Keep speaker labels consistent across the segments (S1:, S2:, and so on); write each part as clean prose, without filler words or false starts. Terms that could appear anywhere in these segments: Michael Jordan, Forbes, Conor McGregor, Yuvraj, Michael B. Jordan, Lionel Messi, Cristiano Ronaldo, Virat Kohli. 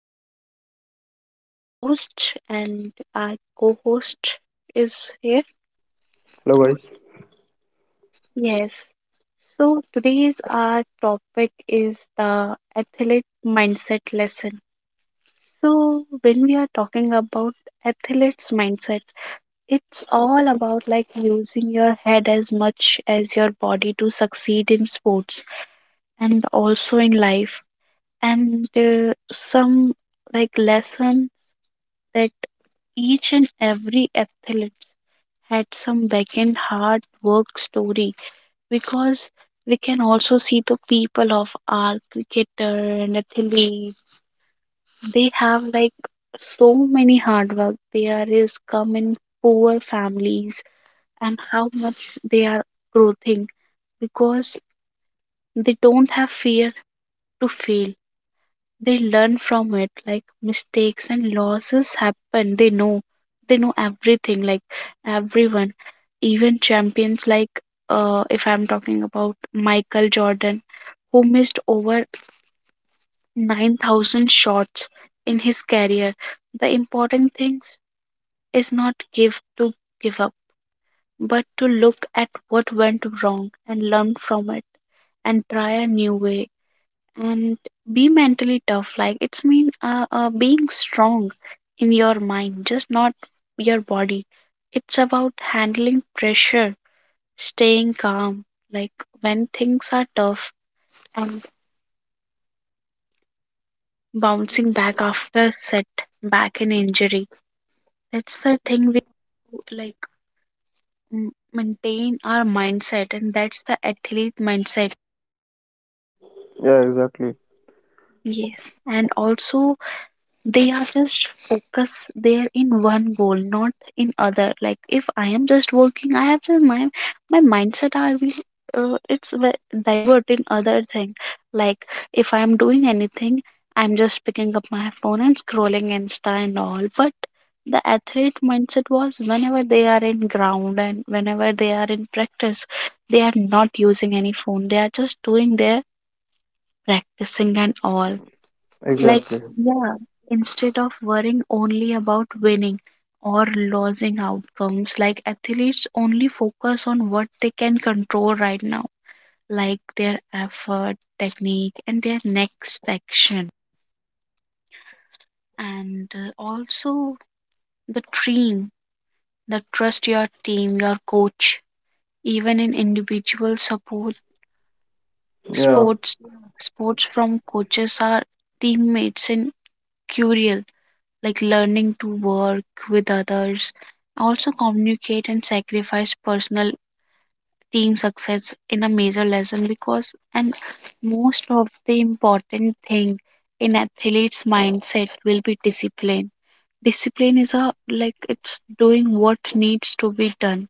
S1: here. So, I am the host, and our co host is here.
S2: Hello guys.
S1: Yes. So, today's our topic is the athlete mindset lesson. So, when we are talking about athlete's mindset, it's all about like using your head as much as your body to succeed in sports and also in life and some like lessons that each and every athlete had some back end hard work story, because we can also see the people of our cricketer and athlete, they have like so many hard work, they are is come in poor families and how much they are growing because they don't have fear to fail. They learn from it like mistakes and losses happen. They know, they know everything, like everyone, even champions, like if I'm talking about Michael Jordan, who missed over 9,000 shots in his career. The important thing is not give to give up but to look at what went wrong and learn from it and try a new way. And be mentally tough, like it's mean being strong in your mind, just not your body. It's about handling pressure, staying calm like when things are tough and bouncing back after set back an injury. That's the thing we do, like maintain our mindset, and that's the athlete mindset.
S2: Yeah,
S1: Yeah,
S2: exactly.
S1: exactly. Yes, and also they are just focus there in one goal, not in other. Like if I am just working, I have just my my mindset, I will divert in other thing. Like if I am doing anything, I'm just picking up my phone and scrolling Insta and all. But the athlete mindset was whenever they are in ground and whenever they are in practice, they are not using any phone, they are just doing their practicing and all. Like,
S2: Exactly.
S1: yes. Yeah, instead of worrying only about winning or losing outcomes, like athletes only focus on what they can control right now, like their effort, technique, and their next action. And also the team, the trust your team, your coach, even in individual support. Yeah.
S2: Yeah.
S1: Sports, sports from coaches are teammates in curial, like learning to work with others, also communicate and sacrifice personal team success in a major lesson. Because and most of the important thing in athletes mindset will be discipline. Discipline is a like it's doing what needs to be done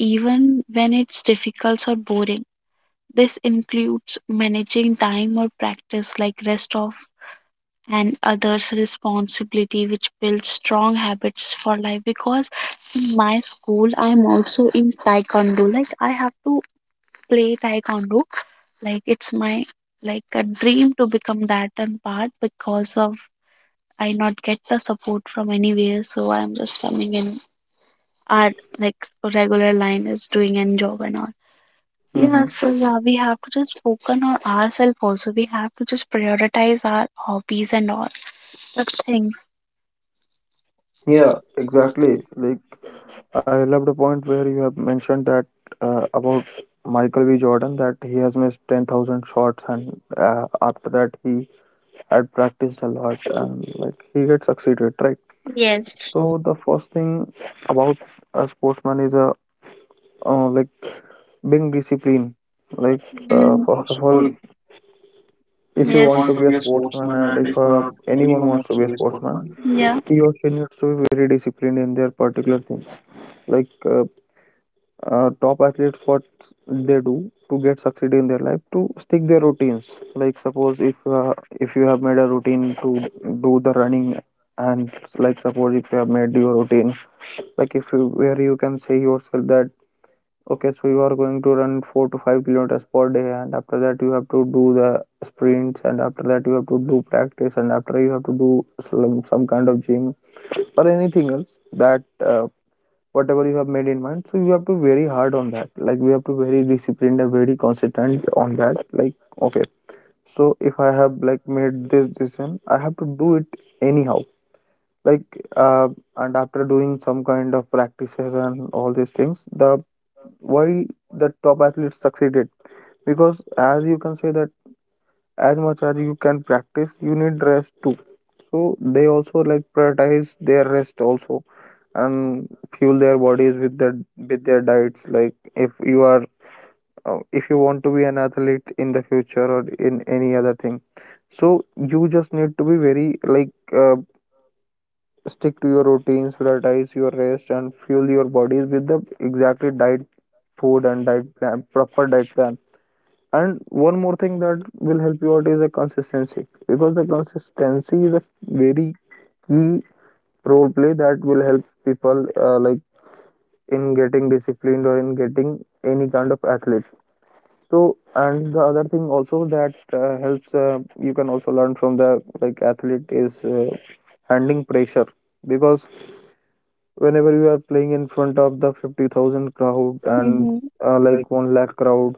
S1: even when it's difficult or boring. This includes managing time or practice like rest of and others responsibility which builds strong habits for life. Because in my school I'm also in taekwondo, like I have to play taekwondo, like it's my like a dream to become that. And part because of I not get the support from anywhere, so I'm just coming in art, like regular line is doing and job and all. Yeah,
S2: Mm-hmm.
S1: so yeah, we have to just focus on ourselves. Also we have to just prioritize our hobbies and all the things.
S2: Yeah,
S1: Yeah,
S2: exactly.
S1: exactly.
S2: Like I love the point where you have mentioned that about Michael B. Jordan that he has missed 10,000 shots, and after that he had practiced a lot and like he had succeeded, right?
S1: That's yes, so
S2: So the first thing about a sportsman is a like being disciplined. Like
S1: right. Mm-hmm.
S2: first
S1: First
S2: of
S1: of all,
S2: all,
S1: if
S2: if
S1: you
S2: you
S1: want,
S2: want to
S1: yes, to
S2: be a
S1: be a
S2: sportsman
S1: sportsman
S2: and
S1: and
S2: if
S1: if
S2: anyone
S1: anyone
S2: wants to
S1: wants to
S2: be a
S1: be a
S2: sportsman,
S1: sportsman, yeah.
S2: your European needs to be very disciplined in their particular things. Like top athletes, what they do to get succeed in their life, to stick their routines. Like suppose if you have made a routine to do the running, and like suppose if you have made your routine, like if you where you can say yourself that okay, so you are going to run 4 to 5 kilometers per day, and after that you have to do the sprints, and after that you have to do practice, and after you have to do some kind of gym or anything else that whatever you have made in mind, so you have to very hard on that, like we have to very disciplined and very consistent on that. Like okay, so if I have like made this decision, I have to do it anyhow. Like uh, and after doing some kind of practices and all these things, the why the top athletes succeeded, because as you can say that as much as you can practice, you need rest too. So they also like prioritize their rest also, and fuel their bodies with their diets. Like if you are if you want to be an athlete in the future or in any other thing, so you just need to be very like stick to your routines, prioritize your rest and fuel your bodies with the exactly diet food and diet plan, proper diet plan. And one more thing that will help you out is the consistency, because the consistency is a very key role play that will help people like in getting disciplined or in getting any kind of athlete. So and the other thing also that helps, you can also learn from the like athlete is handling pressure, because whenever you are playing in front of the 50,000 crowd
S1: Who can,
S2: and
S1: mm-hmm, like
S2: like 1 lakh crowd.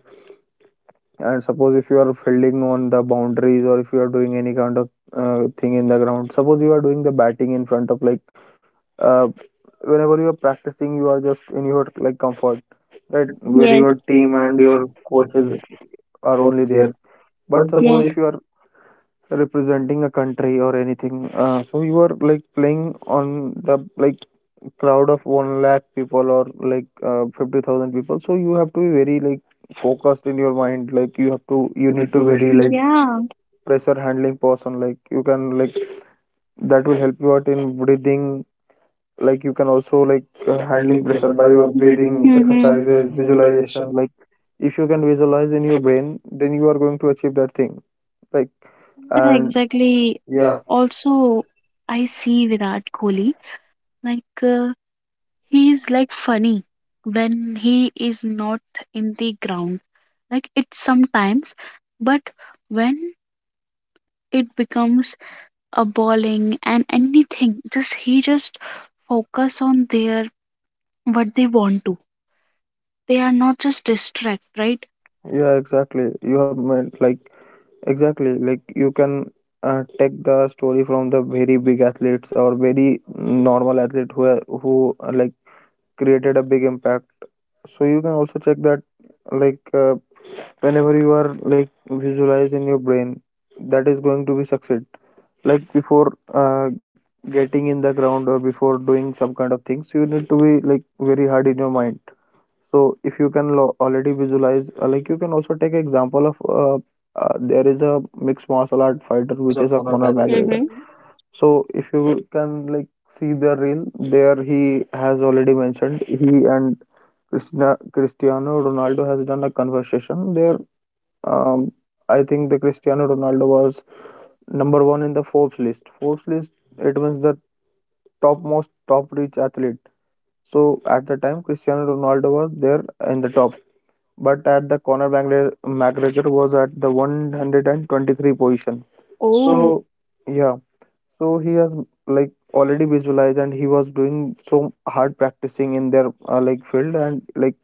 S2: And suppose if you are fielding on the boundaries or if you are doing any kind of thing in the ground, suppose you are doing the batting in front of like uh, whenever you are practicing, you are just in your like comfort, right?
S1: that
S2: Where
S1: very, yes, your
S2: your team
S1: team
S2: and
S1: and
S2: your
S1: your
S2: coaches
S1: coaching
S2: are only there.
S1: there. But
S2: But
S1: suppose,
S2: suppose if
S1: yes,
S2: you are representing a country or anything, so you are like playing on the like crowd of one lakh people or like 50,000 people, so you have to be very like focused in your mind. Like
S1: if
S2: you
S1: you
S2: need
S1: need
S2: to
S1: to
S2: very
S1: vary like,
S2: like
S1: yeah,
S2: pressure handling person, like you can like that will help you out in breathing. Like you can also like
S1: your
S2: handling
S1: handling
S2: pressure
S1: preferred
S2: by
S1: by
S2: your
S1: your breathing,
S2: breathing
S1: mm-hmm,
S2: exercises,
S1: exercises, visualization,
S2: visualization. Like if you can visualize in your brain, then you are going to achieve that thing. Like
S1: yeah, and
S2: and
S1: exactly.
S2: yeah,
S1: Yeah, also, I see Virat Kohli. Like, he is like funny when he is not in the ground, like it sometimes. But when it becomes a bowling and anything, just he just focus on their what they want to. They are not just distract, right.
S2: yeah, exactly, you have made like exactly like you can take the story from the very big athletes or very normal athlete, who like created a big impact. So you can also check that, like whenever you are like visualize in your brain that is going to be succeed, like before getting in the ground or before doing some kind of things, you need to be like very hard in your mind. So if you can already visualize, like you can also take example of there is a mixed martial art fighter
S1: Just
S2: which
S1: of
S2: is a
S1: honor
S2: Conor
S1: by the way.
S2: McGregor.
S1: Hmm.
S2: So if you can like see the reel there, he has already mentioned he and Cristiano Ronaldo has done a conversation there. um, I think the Cristiano Ronaldo was number one in the Forbes list. It was the topmost top rich athlete. So at the time, Cristiano Ronaldo was there in the top, but at the Conor McGregor, McGregor was at the 123 position.
S1: So, oh,
S2: So yeah, so he has like already visualized and he was doing so hard practicing in their like field, and like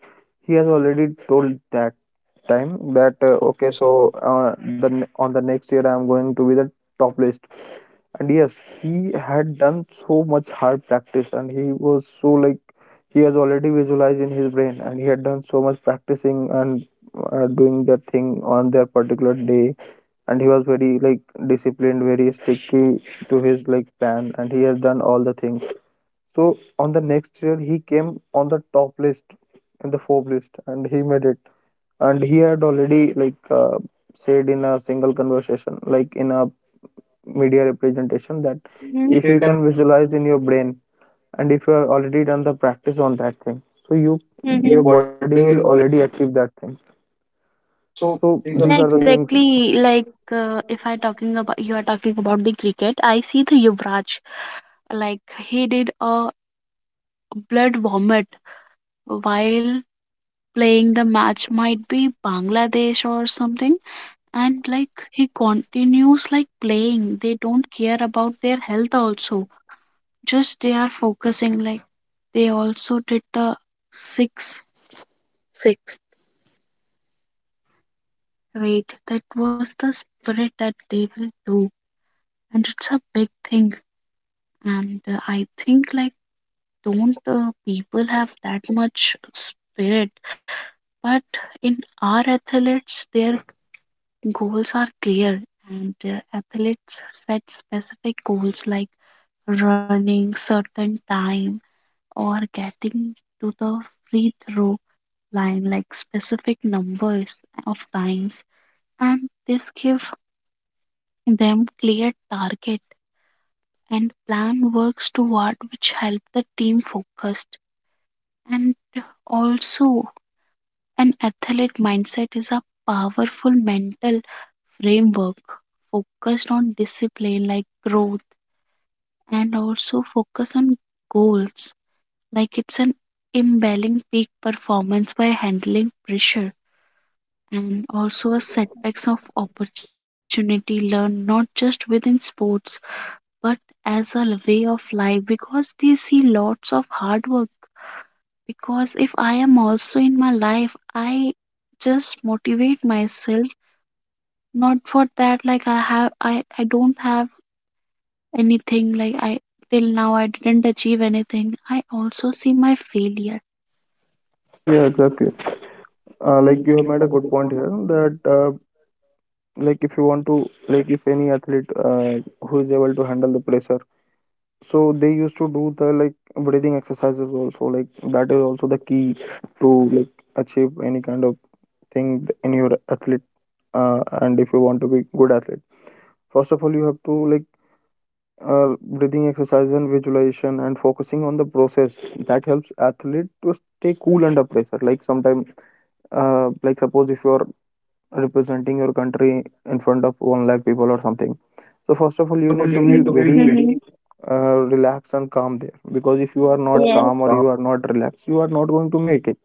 S2: he has already told that time that
S1: that
S2: okay,
S1: okay,
S2: so
S1: so I
S2: the on the next year I am going to be the top list. And yes, he had done so much hard practice, and he was so like he has already visualized in his brain, and he had done so much practicing and doing that thing on their particular day. And he was very like disciplined, very sticky to his like plan, and he has done all the things. So on the next year, he came on the top list in the Forbes list, and he made it. And he had already like said in a single conversation, like in a media
S1: understand
S2: representation,
S1: that.
S2: that
S1: Hmm. If
S2: if
S1: you
S2: you
S1: can,
S2: can visualize in your brain, and if you have already done the practice on that thing, so
S1: your,
S2: your
S1: hmm, body
S2: body
S1: will
S2: will
S1: always.
S2: already achieve that thing.
S1: So
S2: So
S1: these are, yeah,
S2: these
S1: the
S2: are the
S1: things,
S2: things.
S1: exactly. Like if I talking about, you are talking about the cricket, I see the Yuvraj. Like he did a blood vomit while playing the match, might be Bangladesh or something. And like he continues like playing. They don't care about their health also. Just they are focusing. Like they also did the six six. Great. That was the spirit that they will do, and it's a big thing. And I think like don't people have that much spirit. But in our athletes, their goals are clear. And athletes set specific goals like running certain time or getting to the free throw line, like specific numbers of times. And this give them clear target and plan works toward, which help the team focus. And also an athlete mindset is a powerful mental framework focused on discipline, like growth, and also focus on goals. Like it's an imbalancing peak performance by handling pressure and also a setbacks of opportunity learn, not just within sports but as a way of life, because they see lots of hard work. Because if I am also in my life, I just motivate myself. Not for that, like I don't have anything, like I, till now, I didn't achieve anything. I also see my failure.
S2: Yeah, exactly. Like you have made a good point here that like if you want to like if any athlete who is able to handle the pressure, so they used to do the like breathing exercises also. Like that is also the key to like achieve any kind of thing in your athlete. And if you want to be good athlete, first of all you have to like breathing exercise and visualization and focusing on the process, that helps athlete to stay cool under pressure. Like sometimes like suppose if you are representing your country in front of 1 lakh people or something, so first of all
S1: First
S2: you
S1: of all,
S2: need to
S1: you
S2: be
S1: need to be,
S2: very
S1: mhm, ready
S2: relaxed and calm there, because if you
S1: because
S2: are
S1: if you are,
S2: not
S1: yes, not
S2: calm or
S1: calm,
S2: you are not relaxed, you are not going to make it.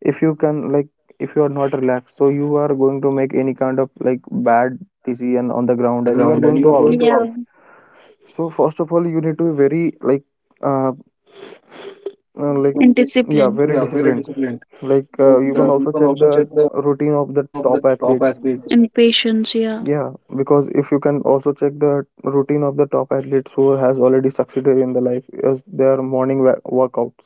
S2: If you can like, if you are not relaxed, so you are going to make any kind of like bad decision on the
S1: and on
S2: ground
S1: the
S2: and you are
S1: ground and
S2: going
S1: you are
S2: to out.
S1: going to, yeah, out,
S2: So first of all you need to be very uh, like
S1: and
S2: yeah,
S1: discipline,
S2: very
S1: yeah, very
S2: disciplined.
S1: disciplined.
S2: Like
S1: Like
S2: you can
S1: mhm, you
S2: also
S1: can
S2: check
S1: also
S2: the
S1: check the
S2: routine of the
S1: routine of
S2: top
S1: the top
S2: athletes.
S1: athletes. And patience, yeah.
S2: Yeah, because if you can also check the routine of the top athletes who has already succeeded in the life is their morning workouts.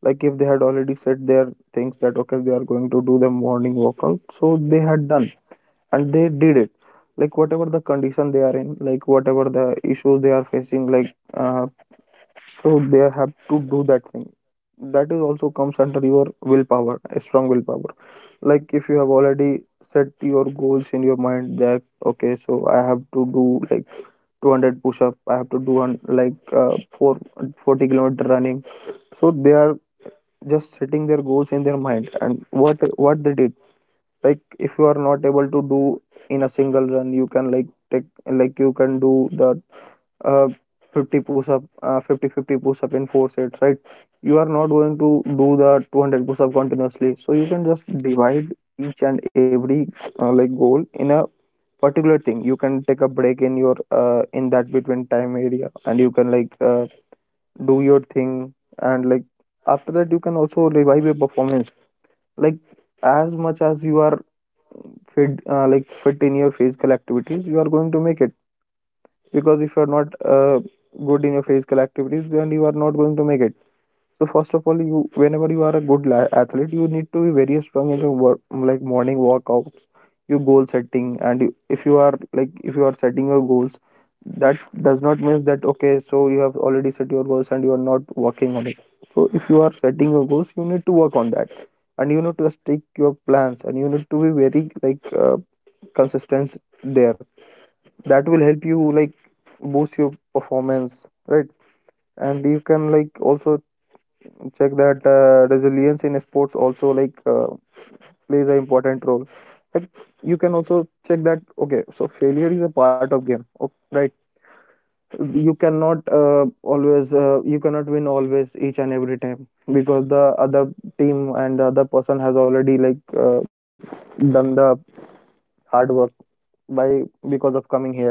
S2: Like if they had already said their things that okay, they are going to do the morning workout, so they had done and they did it. Like whatever the condition they are in, like whatever the issues they are facing, like so they have to do that thing. That is also comes under your willpower, a strong willpower. Like if you have already set your goals in your mind that okay, so I have to do like 200 push-up, I have to do one like uh, 4 40 kilometer running. So they are just setting their goals in their mind, and what they did, like if you are not able to do in a single run, you can like take, like you can do the uh, 50 push-up, fifty push-up in four sets, right? You are not going to do the 200 push-up continuously. So you can just divide each and every like goal in a particular thing. You can take a break in your in that between time area, and you can like do your thing, and like after that you can also revive your performance. Like as much as you are fit, like fit in your physical activities, you are going to make it because if you're not good in your physical activities, then you are not going to make it. So first of all, you whenever you are a athlete, you need to be very strong in your work, like morning workouts, your goal setting. And you, if you are like if you are setting your goals, that does not mean that okay, so you have already set your goals and you are not working on it. So if you are setting your goals, you need to work on that, and you need to stick your plans, and you need to be very like consistent there. That will help you like boost your performance, right? And you can like also check that resilience in sports also plays an important role. Like you can also check that okay, so failure is a part of game, okay, right? You cannot always you cannot win always each and every time, because the other team and the other person has already done the hard work by because of coming here.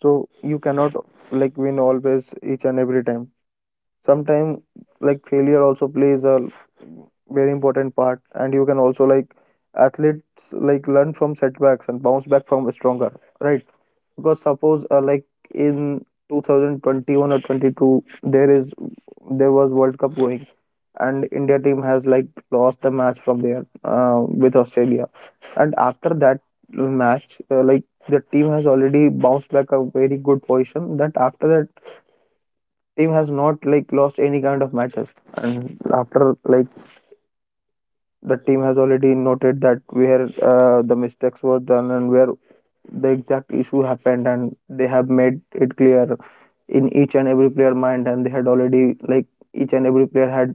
S2: So you cannot like win always each and every time. Sometimes like failure also plays a very important part, and you can also like athletes like learn from setbacks and bounce back from stronger, right? Because suppose like in 2021 or 22, there was world cup going, and india team has like lost the match from there with australia. And after that match, like the team has already bounced back a very good position. That after that, team has not like lost any kind of matches. And after like the team has already noted that where the mistakes were done and where the exact issue happened, and they have made it clear in each and every player mind. And they had already like each and every player had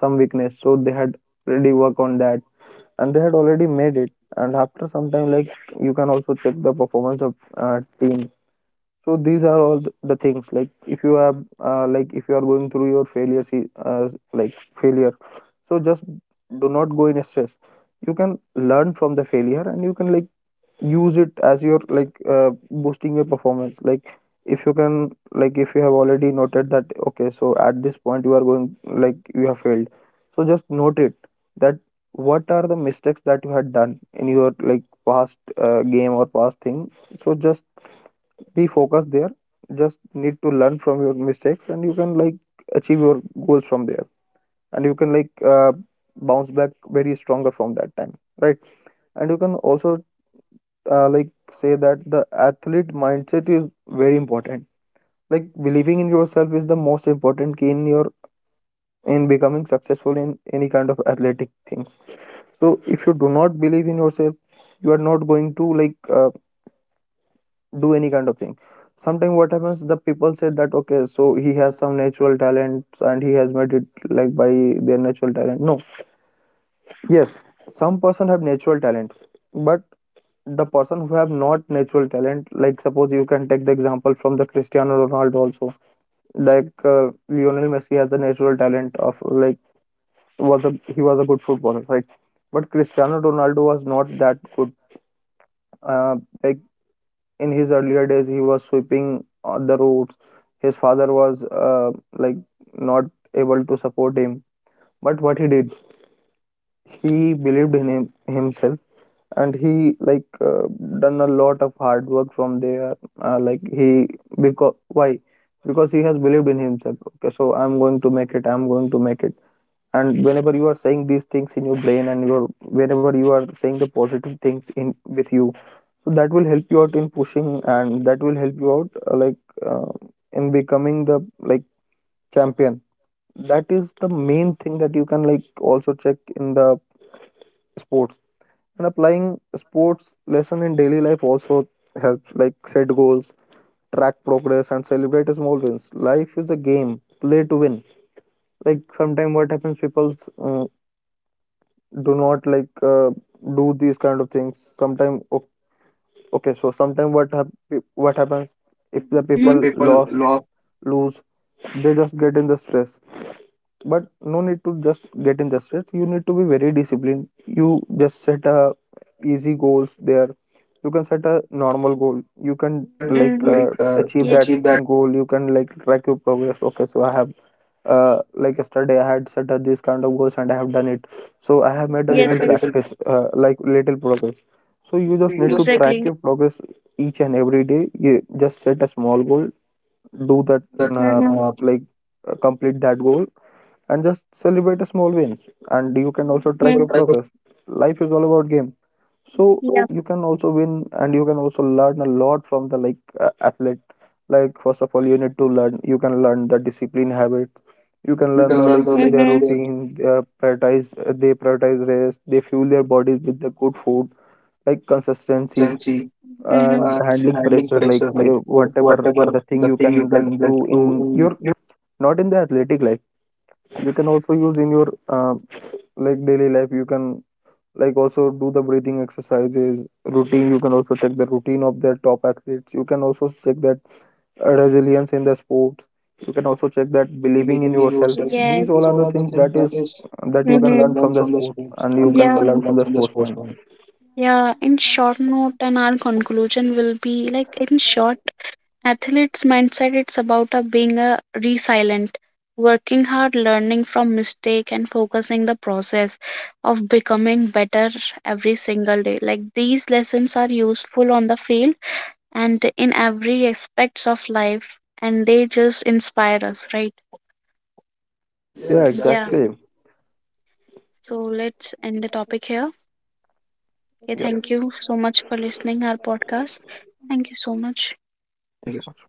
S2: some weakness, so they had already worked on that, and they had already made it. And after some time, like you can also check the performance of team. So these are all the things. Like if you have, like if you are going through your failure, failure. So just do not go in a stress. You can learn from the failure, and you can like use it as your like boosting your performance. Like if you can like if you have already noted that okay, so at this point you are going like you have failed, so just note it that what are the mistakes that you had done in your like past game or past thing. So just be focused there, just need to learn from your mistakes, and you can like achieve your goals from there. And you can like bounce back very stronger from that time, right? And you can also like say that the athlete mindset is very important. Like believing in yourself is the most important key in your in becoming successful in any kind of athletic thing. So if you do not believe in yourself, you are not going to like do any kind of thing. Sometimes what happens, the people say that okay, so he has some natural talent and he has made it like by their natural talent. No, yes, some person have natural talent, but the person who have not natural talent, like suppose you can take the example from the Cristiano Ronaldo also. Lionel Messi has a natural talent of like was a he was a good footballer, right? But Cristiano Ronaldo was not that good, uh, like in his earlier days he was sweeping on the roads. His father was like not able to support him. But what he did, he believed in him, himself, and he done a lot of hard work from there, like he because why, because he has believed in himself. Okay, so I'm going to make it, I'm going to make it. And whenever you are saying these things in your brain and your whenever you are saying the positive things in with you, so that will help you out in pushing, and that will help you out uh, in becoming the like champion. That is the main thing that you can like also check in the sports. And applying sports lesson in daily life also helps, like set goals, track progress, and celebrate small wins. Life is a game, play to win. Like sometimes what happens, people uh, do not do these kind of things sometimes. Okay, so sometimes what happens, if the
S1: If the, hmm,
S2: people
S1: people
S2: lost,
S1: lost,
S2: lose, they just get in the stress. But no need to just get in the stress, you need to be very disciplined. You just set a easy goals there, you can set a normal goal. You can
S1: you can,
S2: like
S1: mm-hmm,
S2: uh,
S1: like
S2: achieve
S1: yes,
S2: that
S1: achieve that.
S2: goal, you can like track your progress. Okay, so I have like yesterday I had set a, this kind of goals and I have done it. So I have
S1: So I
S2: made a
S1: have, yes, made
S2: little
S1: a, yes, label.
S2: practice, like little progress. So you
S1: So
S2: just
S1: you just need
S2: need
S1: to,
S2: to track
S1: exactly,
S2: your progress each and every day, you just set a small goal, do that,
S1: do that,
S2: uh,
S1: mm-hmm.
S2: like complete that goal. And just celebrate the small wins, and you
S1: And
S2: can
S1: you
S2: also
S1: can
S2: track
S1: also,
S2: your
S1: mm-hmm, try to.
S2: progress. Life is all about game, so
S1: Yeah.
S2: you can also win, and you can also learn a lot from the like athlete. Like first of all you need to learn, you can learn the discipline habit, you can
S1: So you
S2: learn
S1: can
S2: the
S1: learn
S2: like
S1: the like,
S2: their
S1: mm-hmm,
S2: routine, prioritize, they prioritize rest, they fuel their bodies with the good food,
S1: their
S2: like
S1: like
S2: consistency
S1: consistency, mm-hmm.
S2: and
S1: Handling
S2: handling
S1: pressure,
S2: pressure,
S1: like
S2: like uh,
S1: whatever
S2: whatever the
S1: the
S2: thing
S1: thing
S2: you
S1: you
S2: can
S1: can
S2: like
S1: like
S2: do
S1: do
S2: in
S1: in you.
S2: your not in the athletic life, you can also use in your like daily life. You can like also do the breathing exercises routine, you can also check the routine of their top athletes. You can also check that resilience in the sports, you can also
S1: Also
S2: check
S1: check
S2: that
S1: that
S2: believing in
S1: believing in
S2: yourself.
S1: yourself. Yes.
S2: These
S1: These
S2: all are
S1: all
S2: the
S1: are the
S2: things
S1: things
S2: that
S1: that is,
S2: is that
S1: that you,
S2: you
S1: mm-hmm,
S2: can
S1: can
S2: learn
S1: learn
S2: from the
S1: from the
S2: sports,
S1: sports,
S2: and you
S1: and you, yeah,
S2: can
S1: can
S2: learn from
S1: learn
S2: the
S1: from the
S2: sportsman.
S1: sportsman. Yeah. In short note, and our conclusion will be like in short. Athlete's mindset, it's about being a resilient, working hard, learning from mistake and focusing the process of becoming better every single day. Like these lessons are useful on the field and in every aspects of life, and they just inspire us, right. Yeah,
S2: Yeah,
S1: yeah,
S2: exactly.
S1: exactly. So let's end the topic here, okay. Yeah.
S2: Yeah,
S1: Thank you so much for listening our podcast. Thank you so much.
S2: thank you
S1: Thank you.
S2: so much.